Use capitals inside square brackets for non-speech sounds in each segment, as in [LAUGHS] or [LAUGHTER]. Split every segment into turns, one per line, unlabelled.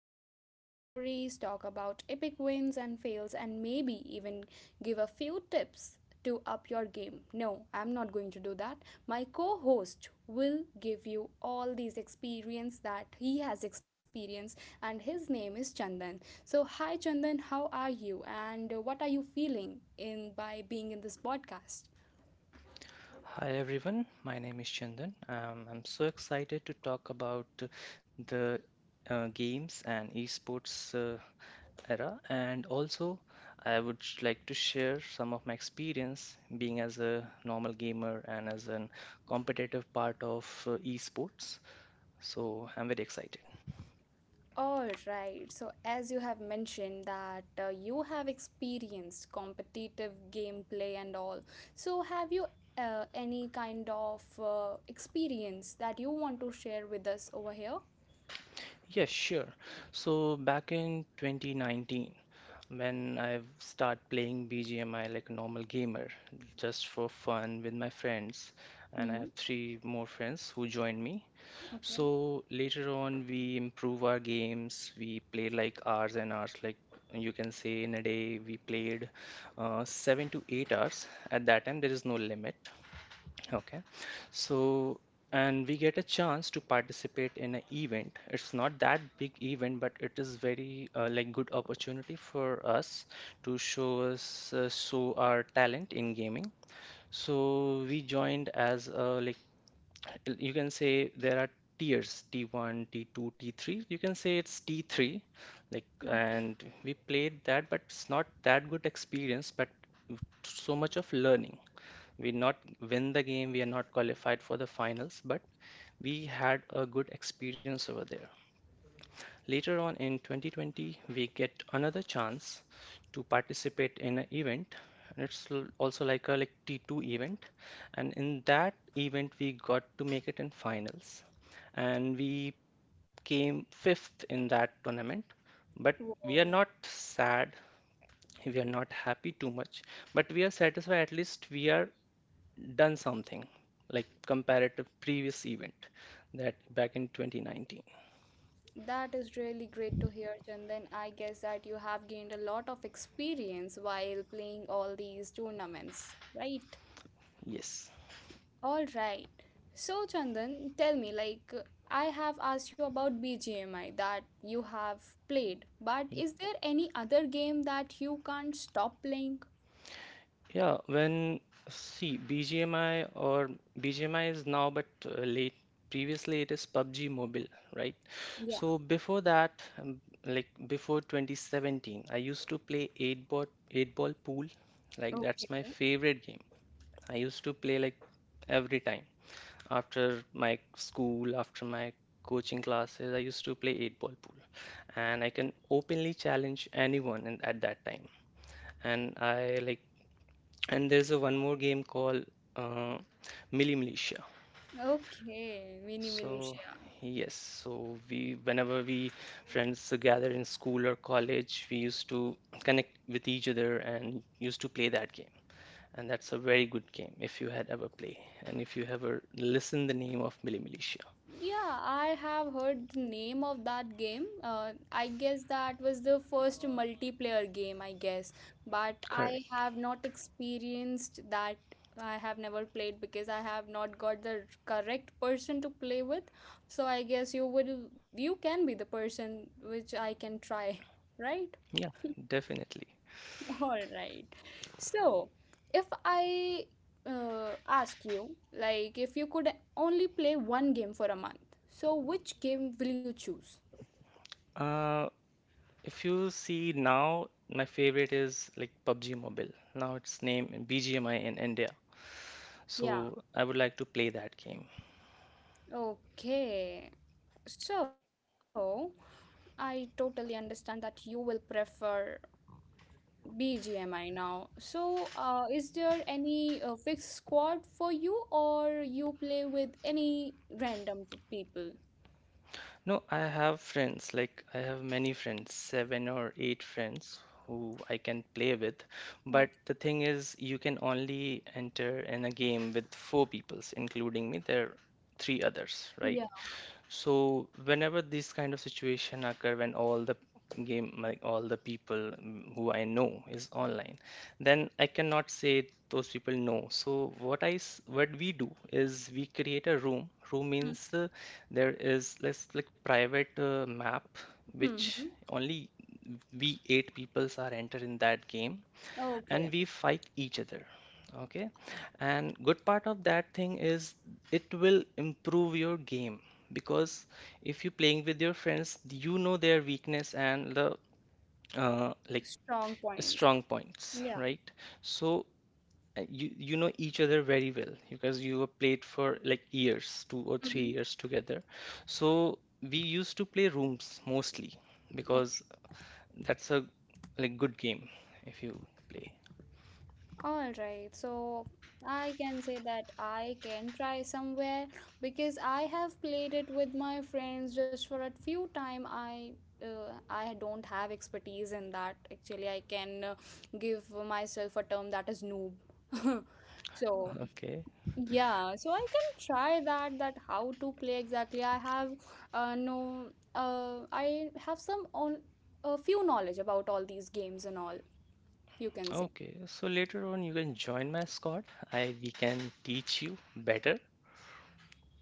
some funny stories, talk about epic wins and fails, and maybe even give a few tips to up your game. No, I'm not going to do that. My co-host will give you all these experience that he has experienced and his name is Chandan. So hi Chandan, how are you and what are you feeling in by being in this podcast?
Hi everyone, my name is Chandan. I'm so excited to talk about the games and esports era, and also I would like to share some of my experience being as a normal gamer and as an competitive part of esports. So I'm very excited.
All right. So as you have mentioned that you have experienced competitive gameplay and all. So have you any kind of experience that you want to share with us over here?
Yes, sure. So back in 2019, when I start playing BGMI like a normal gamer, just for fun with my friends, and I
Mm-hmm.
have three more friends who joined me.
Okay.
So later on, we improve our games. We play like hours and hours. Like you can say, in a day, we played 7 to 8 hours. At that time, there is no limit. Okay. So, and we get a chance to participate in an event. It's not that big event, but it is very like good opportunity for us to show our talent in gaming. So we joined as like you can say there are tiers T1, T2, T3. You can say it's T3 like
Okay.
and we played that, but it's not that good experience, but so much of learning. We not win the game, we are not qualified for the finals, but we had a good experience over there. Later on, in 2020, we get another chance to participate in an event, and it's also like a like T2 event, and in that event we got to make it in finals, and we came fifth in that tournament. But we
Wow.
are not sad, we are not happy too much, but we are satisfied. At least we are done something like comparative previous event that back in 2019.
That is really great to hear, Chandan. I guess that you have gained a lot of experience while playing all these tournaments, right?
Yes.
All right. So, Chandan, tell me, like, I have asked you about BGMI that you have played, but is there any other game that you can't stop playing?
Yeah, when see BGMI or BGMI is now, but late previously it is PUBG Mobile, right?
Yeah.
So before that, um, like before 2017, I used to play 8 ball pool. Like that's my
Okay.
favorite game. I used to play like every time. After my school, after my coaching classes, I used to play eight ball pool, and I can openly challenge anyone in, at that time. And there's a one more game called uh, Milli Militia.
Okay. Mini
So
Militia.
yes, so we whenever we friends gather in school or college, we used to connect with each other and used to play that game. And that's a very good game if you had ever played and if you ever listened the name of Milli Militia.
Yeah, I have heard the name of that game. I guess that was the first multiplayer game, I guess. But
Correct.
I have not experienced that. I have never played because I have not got the correct person to play with. So I guess you would you can be the person which I can try, [LAUGHS] right?
Yeah, definitely.
[LAUGHS] All right. So, if I ask you, like, if you could only play one game for a month, so which game will you choose?
Uh, if you see now, my favorite is like PUBG Mobile. Now it's named BGMI in India.
Yeah,
So I would like to play that game.
okay. So, I totally understand that you will prefer BGMI now. So, is there any fixed squad for you, or you play with any random people?
No, I have friends, like I have many friends, seven or eight friends who I can play with. But
Okay.
the thing is, you can only enter in a game with four peoples, including me. There are three others, right?
Yeah.
So whenever this kind of situation occur, when like all the people who I know is online, then I cannot say those people no. So what we do is we create a room. Room means there is let's like private map which
Mm-hmm.
only we eight peoples are entered in that game, and
Okay.
we fight each other, okay, and good part of that thing is it will improve your game because if you're playing with your friends you know their weakness and the like
Strong points.
strong points,
Yeah.
right? So you know each other very well because you have played for like years two or three
Mm-hmm.
years together, so we used to play rooms mostly
Okay.
because that's a like good game if you play.
All right. So I can say that I can try somewhere because I have played it with my friends just for a few time. I don't have expertise in that. Actually, I can give myself a term that is noob. [LAUGHS] So
[LAUGHS] Okay.
yeah, so I can try that that how to play exactly. I have no I have some on a few knowledge about all these games and all you can say.
Okay, so later on you can join my squad. I we can teach you better.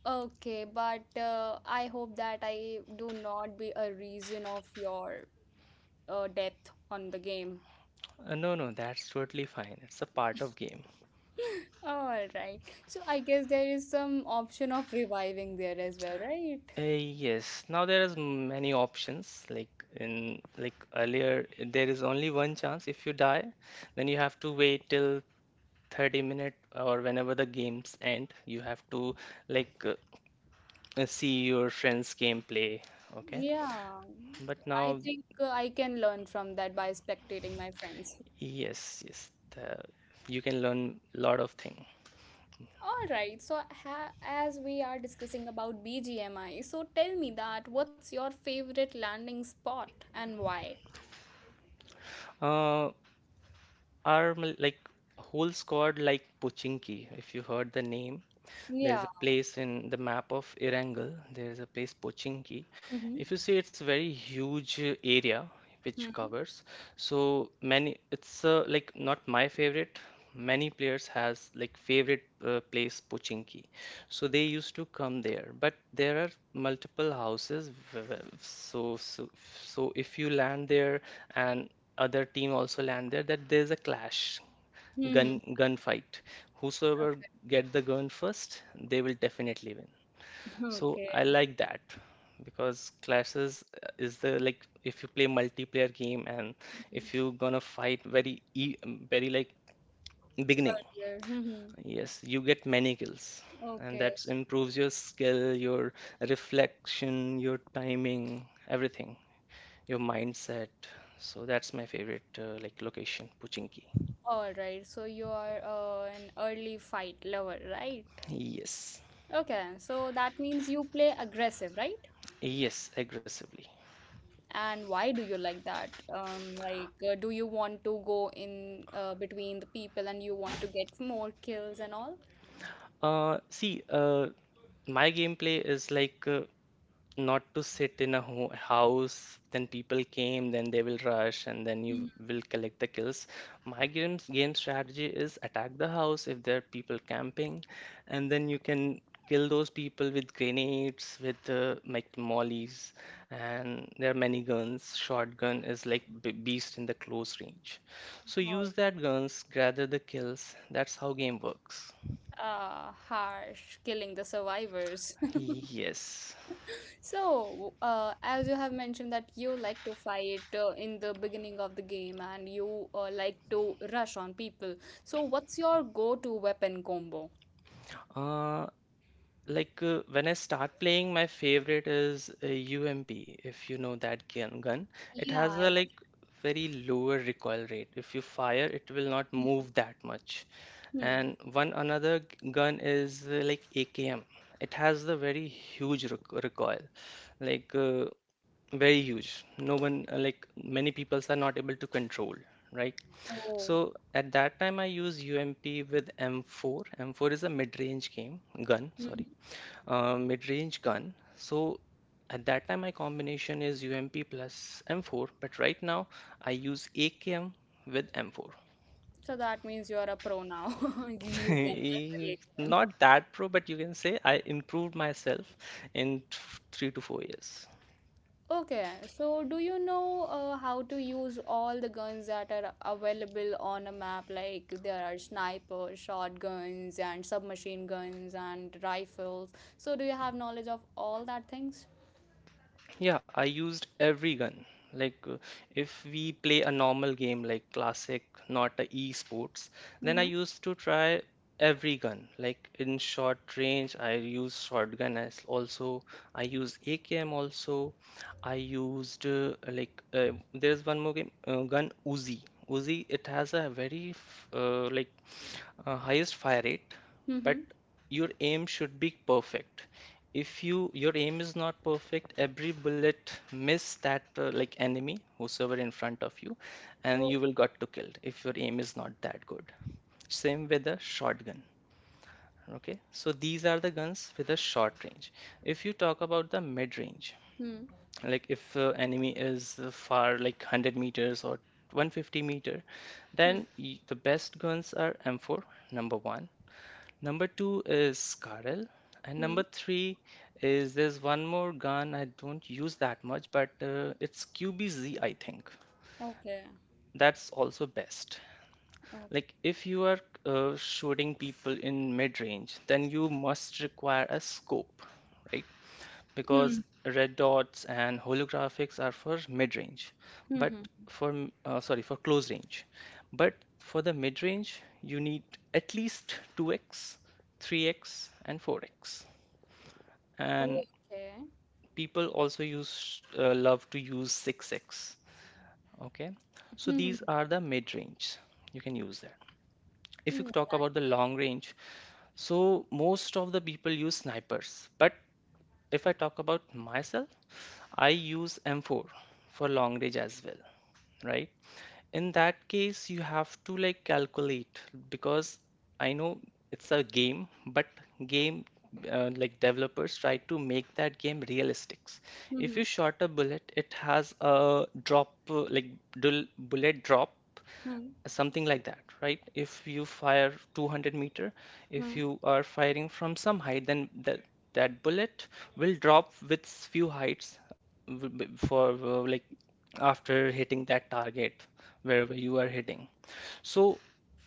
Okay, but I hope that I do not be a reason of your death on the game.
No, no, that's totally fine. It's a part of game.
[LAUGHS] All right. So I guess there is some option of reviving there as well, right?
Yes, now there is many options. Like in like earlier, there is only one chance. If you die, then you have to wait till 30 minute or whenever the games end. You have to like see your friends' gameplay. Okay,
Yeah.
but
I
now,
think I can learn from that by spectating my friends.
yes, yes, you can learn lot of thing.
All right. So ha as we are discussing about BGMI, so tell me that what's your favorite landing spot and why?
Uh, like whole squad like Pochinki, if you heard the name. There is
Yeah.
a place in the map of Irangal, there is a place Pochinki.
Mm-hmm.
If you see, it's very huge area which
Mm-hmm.
covers. So many, it's like not my favorite. Many players has like favorite place Pochinki. So they used to come there, but there are multiple houses. So so so if you land there and other team also land there, that there's a clash,
Mm-hmm.
gunfight. Whosoever get the gun first, they will definitely win. So
Okay.
I like that because classes is the like if you play multiplayer game and
Mhm.
if you gonna fight very like beginning,
Earlier. Mhm.
yes, you get many kills. And
Okay.
that improves your skill, your reflection, your timing, everything, your mindset. So that's my favorite like location, Puchinki.
All right. So you are an early fight lover, right?
Yes,
Okay. So that means you play aggressive, right?
yes, aggressively.
And why do you like that? Like, do you want to go in between the people and you want to get more kills and all?
See, my gameplay is like not to sit in a ho house, then people came, then they will rush, and then you will collect the kills. My game strategy is attack the house if there are people camping, and then you can kill those people with grenades, with like mollies, and there are many guns. Shotgun is like b beast in the close range. So
Or
use that guns, gather the kills. That's how game works.
harsh, killing the survivors. [LAUGHS]
Yes.
So, as you have mentioned that you like to fight in the beginning of the game and you like to rush on people. So, what's your go-to weapon combo?
Uh, like when I start playing, my favorite is UMP, if you know that gun.
Yeah,
It
I
has
know.
a like very lower recoil rate. If you fire, it will not
Hmm.
move that much.
Hmm.
And one another gun is like AKM. It has the very huge recoil, like very huge. No one like many people are not able to control. Right,
Oh.
so at that time I use UMP with M4. M4 is a mid-range game gun,
Hmm.
sorry, mid-range gun. So at that time, my combination is UMP plus M4, but right now I use AKM with M4.
So that means you are a pro now. [LAUGHS]
[LAUGHS]
You can handle a game.
Not that pro, but you can say I improved myself in 3 to 4 years.
Okay, so do you know how to use all the guns that are available on a map? Like there are sniper, shotguns, and submachine guns and rifles. So do you have knowledge of all that things?
Yeah, I used every gun. Like, if we play a normal game like classic, not a e-sports, then I
Mm-hmm.
used to try every gun. Like in short range, I used shotgun as also. I used AKM also. I used there's one more game gun Uzi. Uzi it has a very highest fire rate, but
Mm-hmm.
your aim should be perfect. If your aim is not perfect, every bullet miss that like enemy whosoever in front of you, and
Oh.
you will got to killed if your aim is not that good, same with the shotgun. Okay, so these are the guns with a short range. If you talk about the mid range,
Hmm.
like if enemy is far like 100 meters or 150 meter,
Hmm.
then the best guns are M4, number one. Number two is Karel. And
Hmm.
number three is there's one more gun I don't use that much, but it's QBZ, I think.
Okay.
That's also best.
Oh.
Like if you are shooting people in mid-range, then you must require a scope, right? Because
Hmm.
red dots and holographics are for mid-range,
Hmm.
but
hmm.
for, sorry, for close range. But for the mid-range, you need at least 2x, 3x, and 4x. And
Okay.
people also use love to use 6x, okay, so
Hmm.
these are the mid range, you can use that. If you
Hmm.
talk about the long range, so most of the people use snipers, but if I talk about myself I use M4 for long range as well, right? In that case, you have to like calculate because I know it's a game, but game like developers try to make that game realistic. If
Hmm.
you shot a bullet, it has a drop, like dul bullet drop,
Hmm.
something like that, right? If you fire 200 meter, if
Hmm.
you are firing from some height, then that bullet will drop with few heights for, like, after hitting that target, wherever you are hitting. So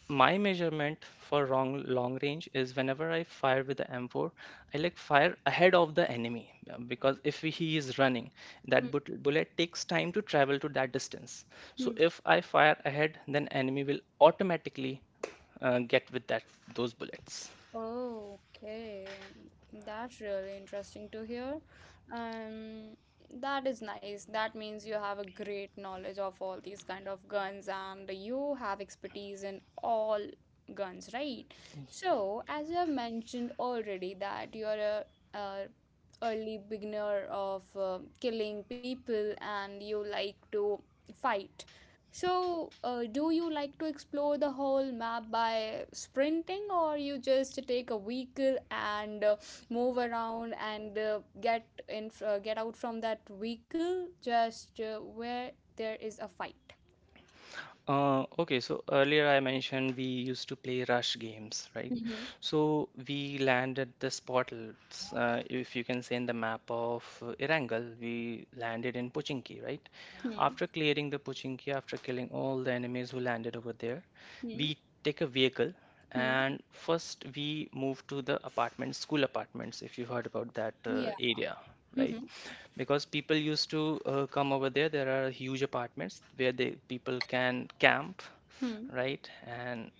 my measurement for long range is whenever I fire with the M4, I like fire ahead of the enemy because if he is running,
Hmm.
that but bullet takes time to travel to that distance. So
Hmm.
if I fire ahead, then enemy will automatically get with that those bullets.
Oh, okay. That's really interesting to hear. Um, that is nice. That means you have a great knowledge of all these kind of guns and you have expertise in all guns, right? So, as you have mentioned already that you're a early beginner of killing people and you like to fight. So, do you like to explore the whole map by sprinting, or you just take a vehicle and move around and get out from that vehicle just where there is a fight?
Okay, so earlier I mentioned we used to play rush games, right?
Hmm
So we landed the Spottles, if you can say, in the map of Irangal, we landed in Pochinki, right?
hmm
After clearing the Pochinki, after killing all the enemies who landed over there,
hmm
we take a vehicle,
hmm
and first we move to the apartments, school apartments, if you've heard about that
Yeah.
area, right?
hmm
Because people used to come over there. There are huge apartments where they people can camp,
hmm
right? And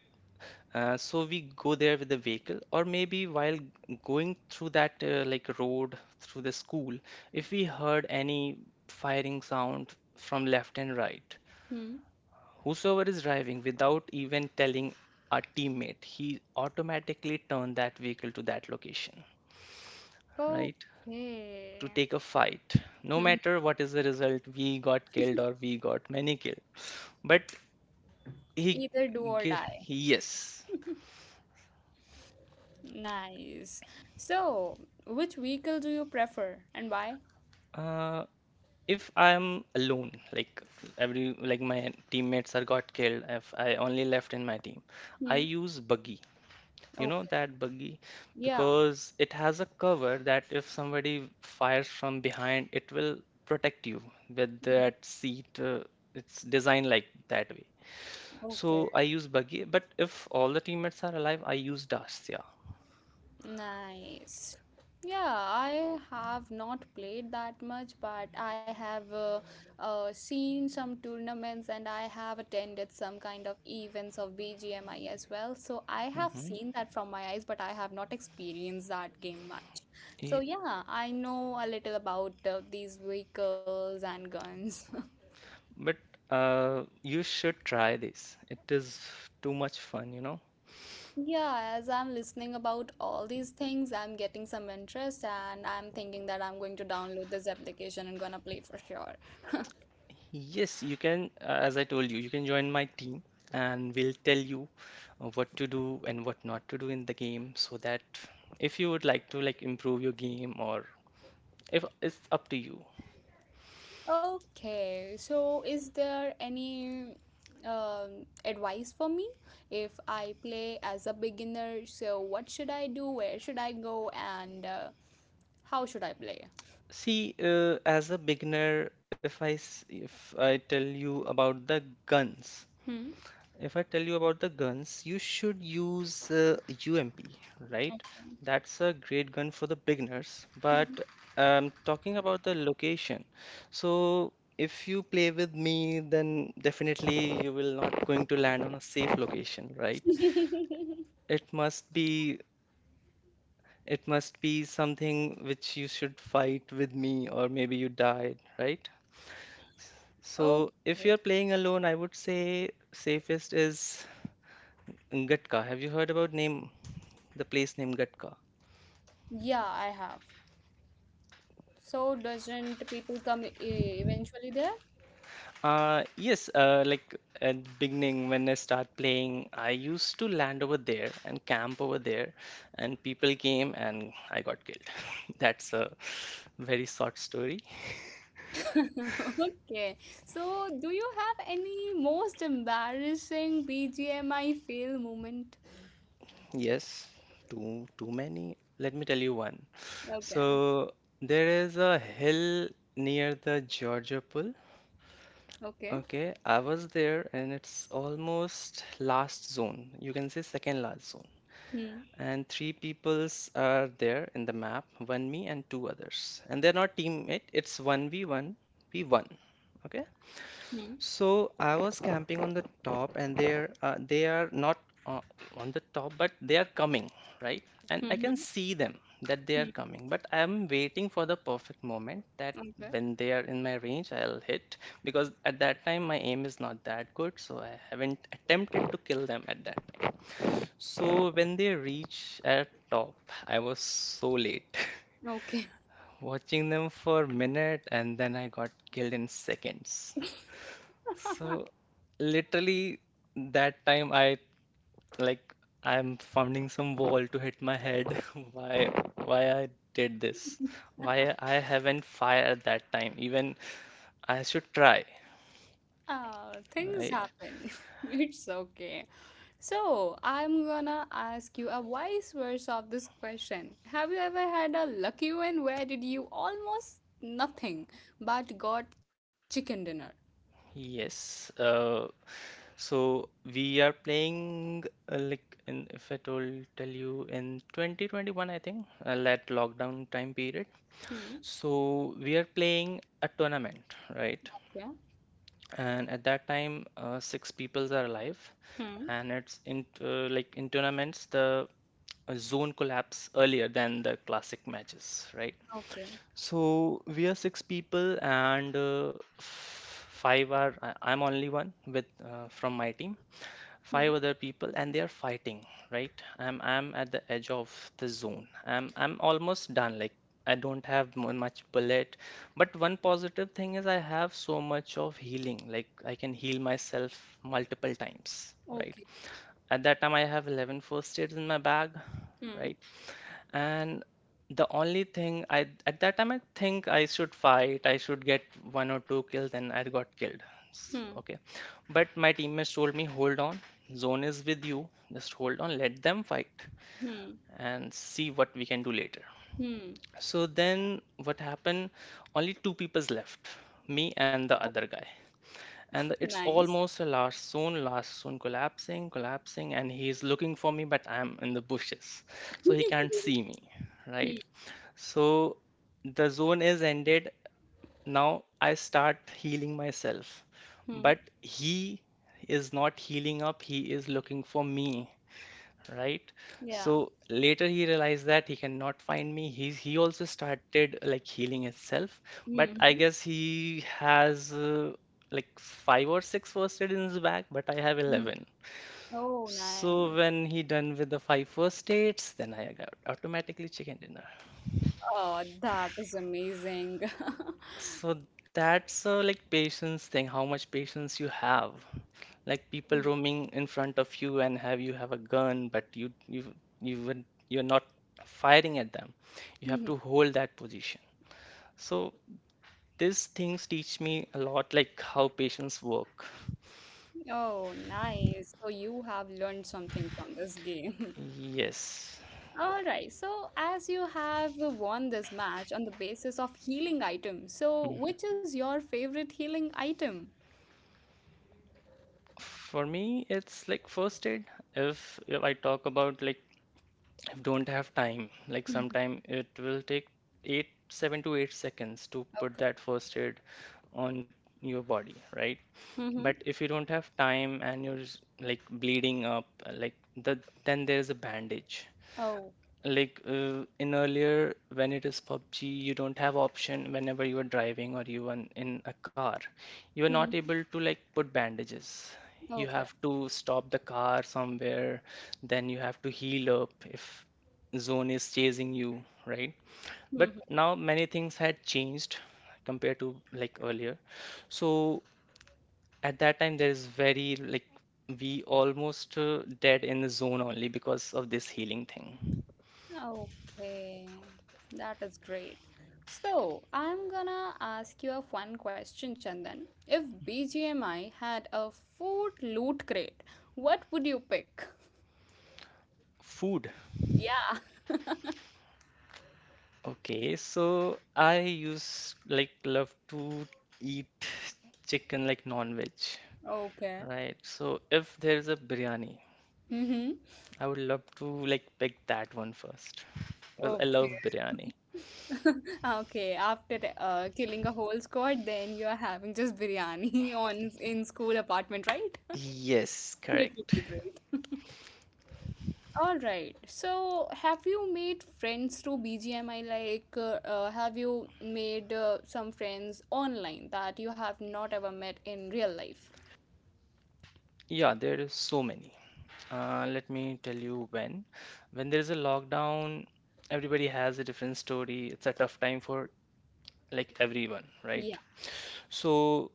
so we go there with the vehicle, or maybe while going through that like road through the school, if we heard any firing sound from left and right,
hmm
whosoever is driving without even telling our teammate, he automatically turned that vehicle to that location, right? To
Okay.
take a fight. No
hmm
matter what is the result, we got killed or we got many killed. But he,
Either do or
gi-
die.
yes.
[LAUGHS] Nice. So, which vehicle do you prefer and why?
Uh, if I am alone, like every like my teammates are got killed, if I only left in my team, I
Hmm.
use buggy. You know
Okay.
that buggy
Yeah.
because it has a cover that if somebody fires from behind, it will protect you with that seat. It's designed like that way.
Okay.
So I use buggy, but if all the teammates are alive, I use dust. Yeah.
Nice. Yeah, I have not played that much, but I have seen some tournaments and I have attended some kind of events of BGMI as well. So I have
Hmm.
seen that from my eyes, but I have not experienced that game much. So yeah, I know a little about these vehicles and guns. [LAUGHS]
But you should try this. It is too much fun.
Yeah, as I'm listening about all these things, I'm getting some interest and I'm thinking that I'm going to download this application and gonna play for sure.
Yes, you can. As I told you, you can join my team, and we'll tell you what to do and what not to do in the game, so that if you would like to like improve your game or if it's up to you.
Okay, so is there any advice for me if I play as a beginner? So what should I do? Where should I go? And how should I play?
See, as a beginner, if I tell you about the guns.
Hmm.
If I tell you about the guns, you should use UMP, right? That's a great gun for the beginners.
Okay.
But
[LAUGHS]
talking about the location, so if you play with me, then definitely you will not going to land on a safe location, right? It must be it must be something which you should fight with me, or maybe you died, right? So if
okay.
you're playing alone, I would say safest is Gatka. Have you heard about name the place name Gatka?
Yeah, I have. So doesn't people come eventually there?
Yes, like at beginning when I start playing, I used to land over there and camp over there, and people came and I got killed. [LAUGHS] That's a very short story.
[LAUGHS] Okay, so do you have any most embarrassing BGMI fail moment?
Yes, too many. Let me tell you one.
Okay,
So there is a hill near the Georgia Pool.
okay.
Okay, I was there and it's almost last zone. You can say second last zone.
Hmm.
And three peoples are there in the map, one me and two others, and they're not teammate, it's 1v1 v1 okay.
Hmm.
So I was camping on the top, and they are not uh, on the top, but they are coming, right, and I can
Mm-hmm.
see them, that they
Hmm.
are coming, but I am waiting for the perfect moment that
Okay.
when they are in my range I'll hit, because at that time my aim is not that good, so I haven't attempted to kill them at that.
Hmm.
So when they reach at top, I was so late.
Okay.
[LAUGHS] Watching them for a minute and then I got killed in seconds. So literally that time I like I'm finding some wall to hit my head. [LAUGHS] Why why I did this?
[LAUGHS]
Why I haven't fired at that time? Even I should try,
Ah, things
right?
happen. [LAUGHS] It's okay. So, I'm gonna ask you a vice versa of this question. Have you ever had a lucky win where did you almost nothing but got chicken dinner?
Yes. So we are playing like in if I told tell you in 2021, I think, that lockdown time period.
Hmm.
So we are playing a tournament, right?
Yeah.
And at that time, six peoples are alive,
Hmm.
and it's in like in tournaments the zone collapse earlier than the classic matches, right?
Okay.
So we are six people, and five are I'm only one with from my team,
Hmm.
five other people, and they are fighting, right. I'm at the edge of the zone, I'm almost done, like I don't have much bullet. But one positive thing is I have so much of healing, like I can heal myself multiple times, right.
Okay.
At that time I have 11 first aids in my bag,
Hmm.
right. And the only thing I at that time, I think I should fight, I should get one or two kills, and I got killed.
Hmm.
Okay. But my teammates told me, hold on, zone is with you. Just hold on, let them fight
Hmm.
and see what we can do later.
Hmm.
So then what happened? Only two people's left, me
Okay,
and the other guy. And
nice.
it's almost a last zone collapsing, collapsing, and he's looking for me, but I'm in the bushes. So he can't see
[LAUGHS]
me, right?
Hmm.
So the zone is ended. Now I start healing myself.
Hmm.
But he is not healing up, he is looking for me, right?
Yeah.
So later he realized that he cannot find me. He also started like healing himself, but I
Hmm.
guess he has like five or six first aid in his bag, but I have
Hmm.
11.
Oh, nice.
So when he done with the five first aids, then I got automatically chicken dinner.
Oh, that is amazing. [LAUGHS]
So that's a like patience thing, how much patience you have. Like
Hmm.
people roaming in front of you and have you have a gun, but you would you're not firing at them. You have
Hmm.
to hold that position. So these things teach me a lot like how patients work.
Oh, nice. So you have learned something from this game.
Yes.
[LAUGHS] All right. So as you have won this match on the basis of healing items, so
Hmm.
which is your favorite healing item?
For me, it's like first aid. If I talk about like don't have time. Like sometime it will take eight, 7 to 8 seconds to put
Okay.
that first aid on your body, right?
Mm-hmm.
But if you don't have time and you're just like bleeding up, like then there's a bandage.
Oh.
Like in earlier, when it is PUBG, you don't have option whenever you are driving or you are in a car. You are
Hmm.
not able to like put bandages. You
Okay.
have to stop the car somewhere, then you have to heal up if zone is chasing you, right?
Hmm.
But now many things had changed compared to like earlier. So at that time, there is very like we almost dead in the zone only because of this healing thing.
Okay, that is great. So, I'm gonna ask you a fun question, Chandan. If BGMI had a food loot crate, what would you pick?
Food.
Yeah.
Okay, so I use like love to eat chicken like non-veg,
Okay.
right? So if there is a biryani,
Mm-hmm.
I would love to like pick that one first because I
Okay.
love biryani.
[LAUGHS] Okay, after killing a whole squad, then you are having just biryani [LAUGHS] on in school apartment, right? [LAUGHS]
Yes,
It would
correct.
be great. All right. So, have you made friends through BGMI? Like, have you made some friends online that you have not ever met in real life?
Yeah, there is so many. Let me tell you when. When there is a lockdown, everybody has a different story. It's a tough time for like everyone,
Yeah.
right? So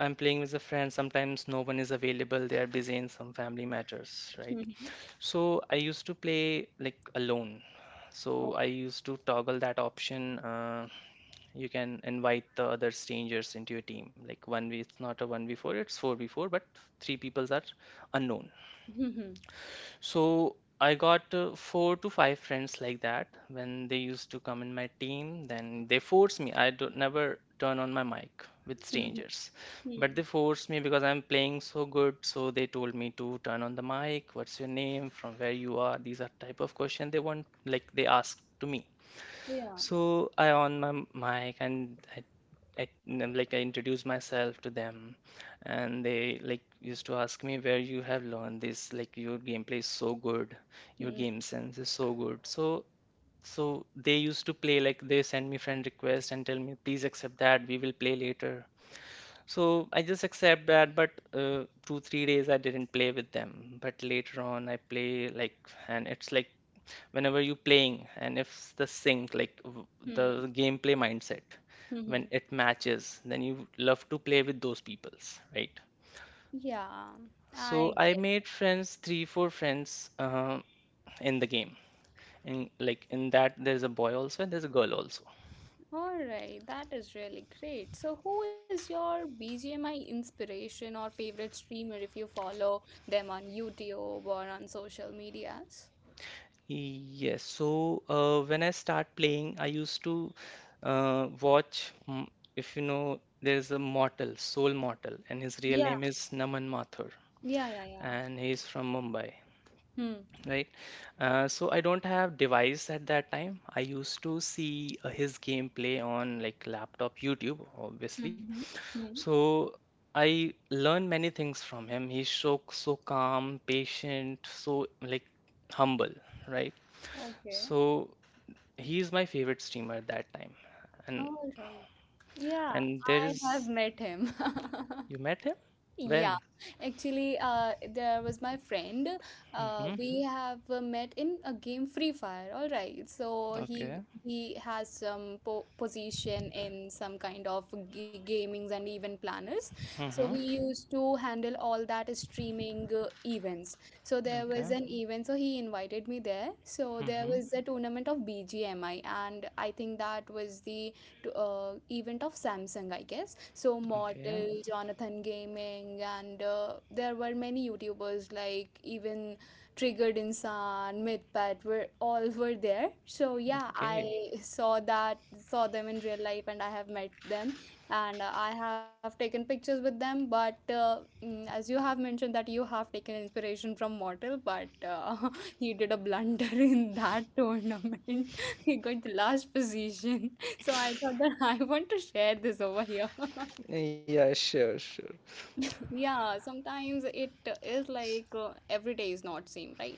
I'm playing with a friend. Sometimes no one is available. They are busy in some family matters, right?
Mm-hmm.
So I used to play like alone. So I
Okay.
used to toggle that option. You can invite the other strangers into your team. Like one way, it's not a 1v4, it's 4v4, but three peoples are unknown.
Mm-hmm.
So I got four to five friends like that when they used to come in my team. Then they force me. I don't never turn on my mic with
Mm-hmm.
strangers,
Mm.
but they forced me because I'm playing so good. So they told me to turn on the mic. What's your name? From where you are? These are type of question they want. Like they asked to me.
Yeah.
So I on my mic and like I introduced myself to them, and they like used to ask me where you have learned this. Like your gameplay is so good, your game sense is so good. So so they used to play like they send me friend request and tell me please accept that we will play later. So I just accept that, but 2 3 days I didn't play with them. But later on I play like, and it's like whenever you're playing, and if the sync like
Mm-hmm.
the gameplay mindset when
Mm-hmm.
it matches, then you love to play with those peoples, right.
Yeah. I
So I
get.
made friends 3 4 friends in the game, and like in that there's a boy also and there's a girl also.
All right. That is really great. So, who is your BGMI inspiration or favorite streamer if you follow them on YouTube or on social medias?
Yes, so when I start playing I used to watch if you know there's a Mortal, Soul Mortal, and his real
Yeah.
name is Naman Mathur,
Yeah. Yeah. Yeah.
and he's from Mumbai.
Hmm.
Right. So I don't have device at that time. I used to see his gameplay on like laptop YouTube, obviously.
Mm-hmm. hmm
So I learned many things from him. He's so calm, patient, so like humble, right?
Okay.
So he's my favorite streamer at that time. And
All right. Yeah,
and there
I have
is
met him. [LAUGHS]
you met him?
Yeah,
When?
actually, there was my friend.
Mm-hmm.
We have met in a game Free Fire. All right, so he
Okay.
he has some po position in some kind of g gamings and event planners. So
Mm-hmm.
he used to handle all that streaming events. So there was
Okay.
an event, so he invited me there. So there
Mm-hmm.
was a tournament of BGMI, and I think that was the event of Samsung, I guess. So
Okay.
Mortal, Jonathan Gaming, and there were many YouTubers like even Triggered Insan, MythPat were all were there. So yeah,
Okay.
I saw them in real life, and I have met them, and I have taken pictures with them. But as you have mentioned that you have taken inspiration from Mortal, but [LAUGHS] he did a blunder [LAUGHS] in that tournament. [LAUGHS] He got the last position. So I thought that [LAUGHS] I want to share this over here. [LAUGHS]
Yeah, sure, sure.
Yeah, sometimes it is like every day is not same, right?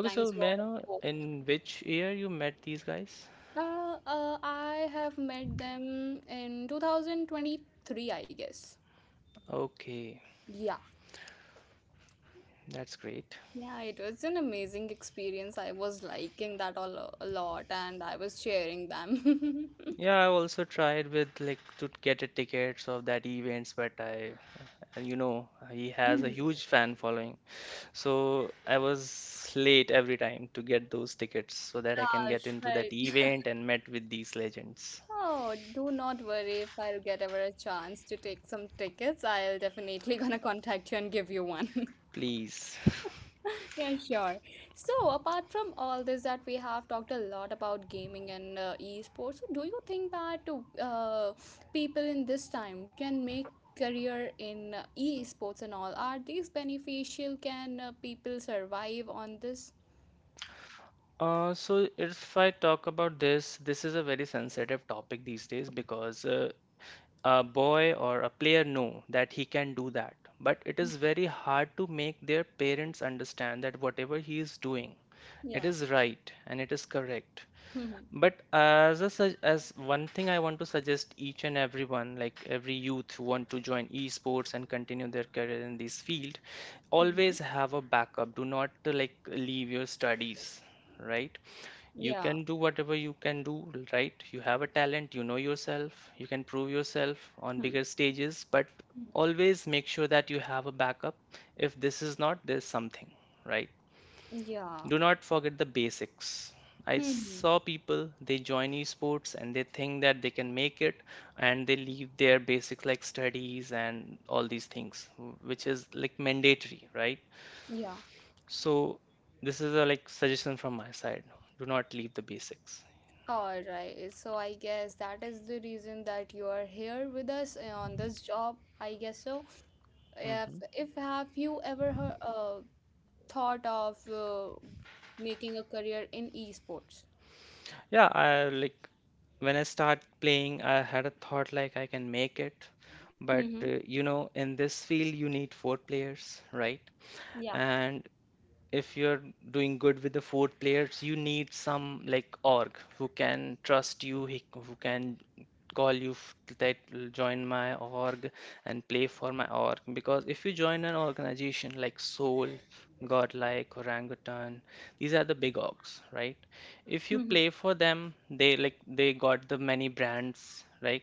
Okay, so
you are
may I know
a
in which year you met these guys?
pro. I have met them in 2023, I guess.
Okay,
Yeah.
that's great.
Yeah, it was an amazing experience. I was liking that all a lot and I was sharing them. [LAUGHS]
Yeah, I also tried with like to get a tickets of that events, but and you know, he has
Mm.
a huge fan following, so I was late every time to get those tickets so that I can
Ah,
get into that
right.
event and met with these legends.
Oh, do not worry. If I'll get ever a chance to take some tickets, I'll definitely [LAUGHS] gonna contact you and give you one. [LAUGHS]
Please. [LAUGHS]
Yeah, sure. So, apart from all this that we have talked a lot about gaming and esports, so do you think that uh, people in this time can make career in esports and all? Are these beneficial? Can people survive on this?
So if I talk about this, this is a very sensitive topic these days because a boy or a player know that he can do that. But it is very hard to make their parents understand that whatever he is doing, it
Yeah.
is right and it is correct.
[LAUGHS] Mm-hmm.
But as a, as one thing I want to suggest each and everyone, like every youth who want to join esports and continue their career in this field,
Mm-hmm.
always have a backup. Do not like leave your studies, right? You
Yeah.
can do whatever you can do, right? You have a talent, you know yourself, you can prove yourself on
Hmm.
bigger stages, but
Hmm.
always make sure that you have a backup. If this is not, there's something, right?
Yeah.
Do not forget the basics. I
Hmm. Hmm.
saw people, they join esports and they think that they can make it, and they leave their basics like studies and all these things, which is like mandatory, right?
Yeah.
So this is a like suggestion from my side. Do not leave the basics.
All right, so I guess that is the reason that you are here with us on this job. I guess so.
Mhm.
If have you ever heard, thought of making a career in esports?
Yeah, I like when I start playing, I had a thought like I can make it, but
Mm-hmm.
you know, in this field you need four players, right?
Yeah.
And if you're doing good with the four players, you need some like org who can trust you, who can call you that join my org and play for my org. Because if you join an organization like Soul, Godlike, Orangutan, these are the big orgs, right? If
Mm-hmm.
you play for them, they like they got the many brands, right?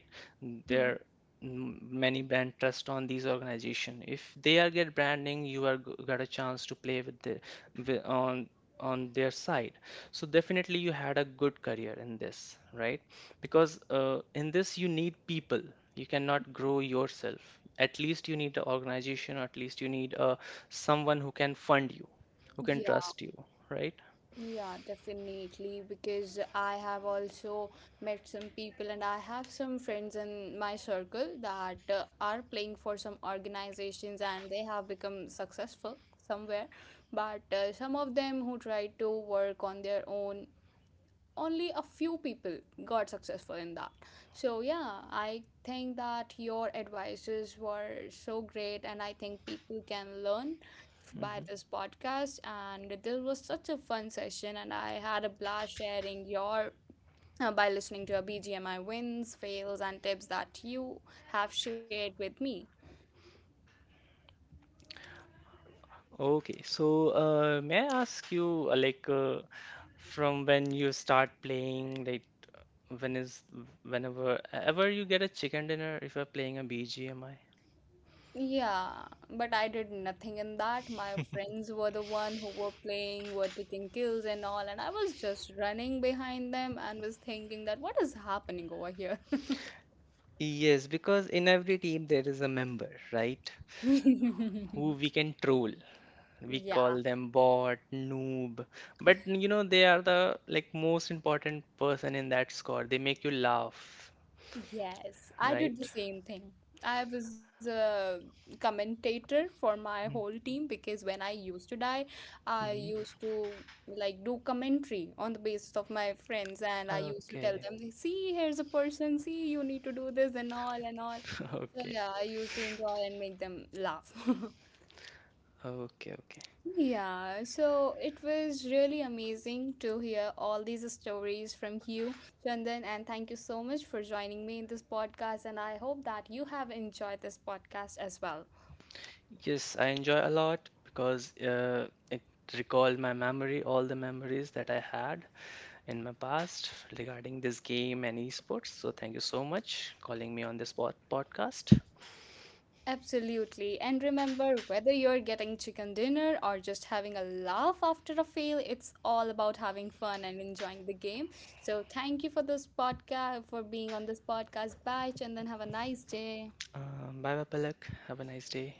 hmm
They're m- many brand trust on these organization, if they are get branding, you are got a chance to play with the wi- on on their side, so definitely you had a good career in this, right? Because in this you need people, you cannot grow yourself, at least you need an organization, or at least you need someone who can fund you, who can trust you, right.
Yeah, definitely. Because I have also met some people, and I have some friends in my circle that are playing for some organizations and they have become successful somewhere. But some of them who try to work on their own, only a few people got successful in that. So yeah, I think that your advices were so great and I think people can learn by
Hmm.
this podcast, and this was such a fun session and I had a blast sharing your by listening to your BGMI wins, fails and tips that you have shared with me.
Okay, so may I ask you from when you start playing, like when is whenever ever you get a chicken dinner if you're playing a BGMI?
Yeah, but I did nothing in that. My friends were the one who were playing, were taking kills and all, and I was just running behind them and was thinking that what is happening over here?
Yes, because in every team there is a member, right? Who
[LAUGHS]
we can troll. We
Yeah.
call them bot, noob, but you know they are the like most important person in that squad. They make you laugh,
Yes, I did the
right?
same thing. I was a commentator for my whole team because when I used to die, I
Mm-hmm.
used to like do commentary on the basis of my friends, and I used to tell
Okay.
them, "See, here's a person. See, you need to do this and all and all."
[LAUGHS]
So
Okay.
yeah, I used to enjoy and make them laugh. [LAUGHS]
Okay. Okay.
Yeah, so it was really amazing to hear all these stories from you, Chandan, and thank you so much for joining me in this podcast. And I hope that you have enjoyed this podcast as well.
Yes, I enjoy a lot because it recalled my memory, all the memories that I had in my past regarding this game and esports. So thank you so much calling me on this podcast.
Absolutely. And remember, whether you're getting chicken dinner or just having a laugh after a fail, it's all about having fun and enjoying the game. So thank you for this podcast, for being on this podcast. Bye, Chandan. Have a nice day.
Bye bye, Palak. Have a nice day.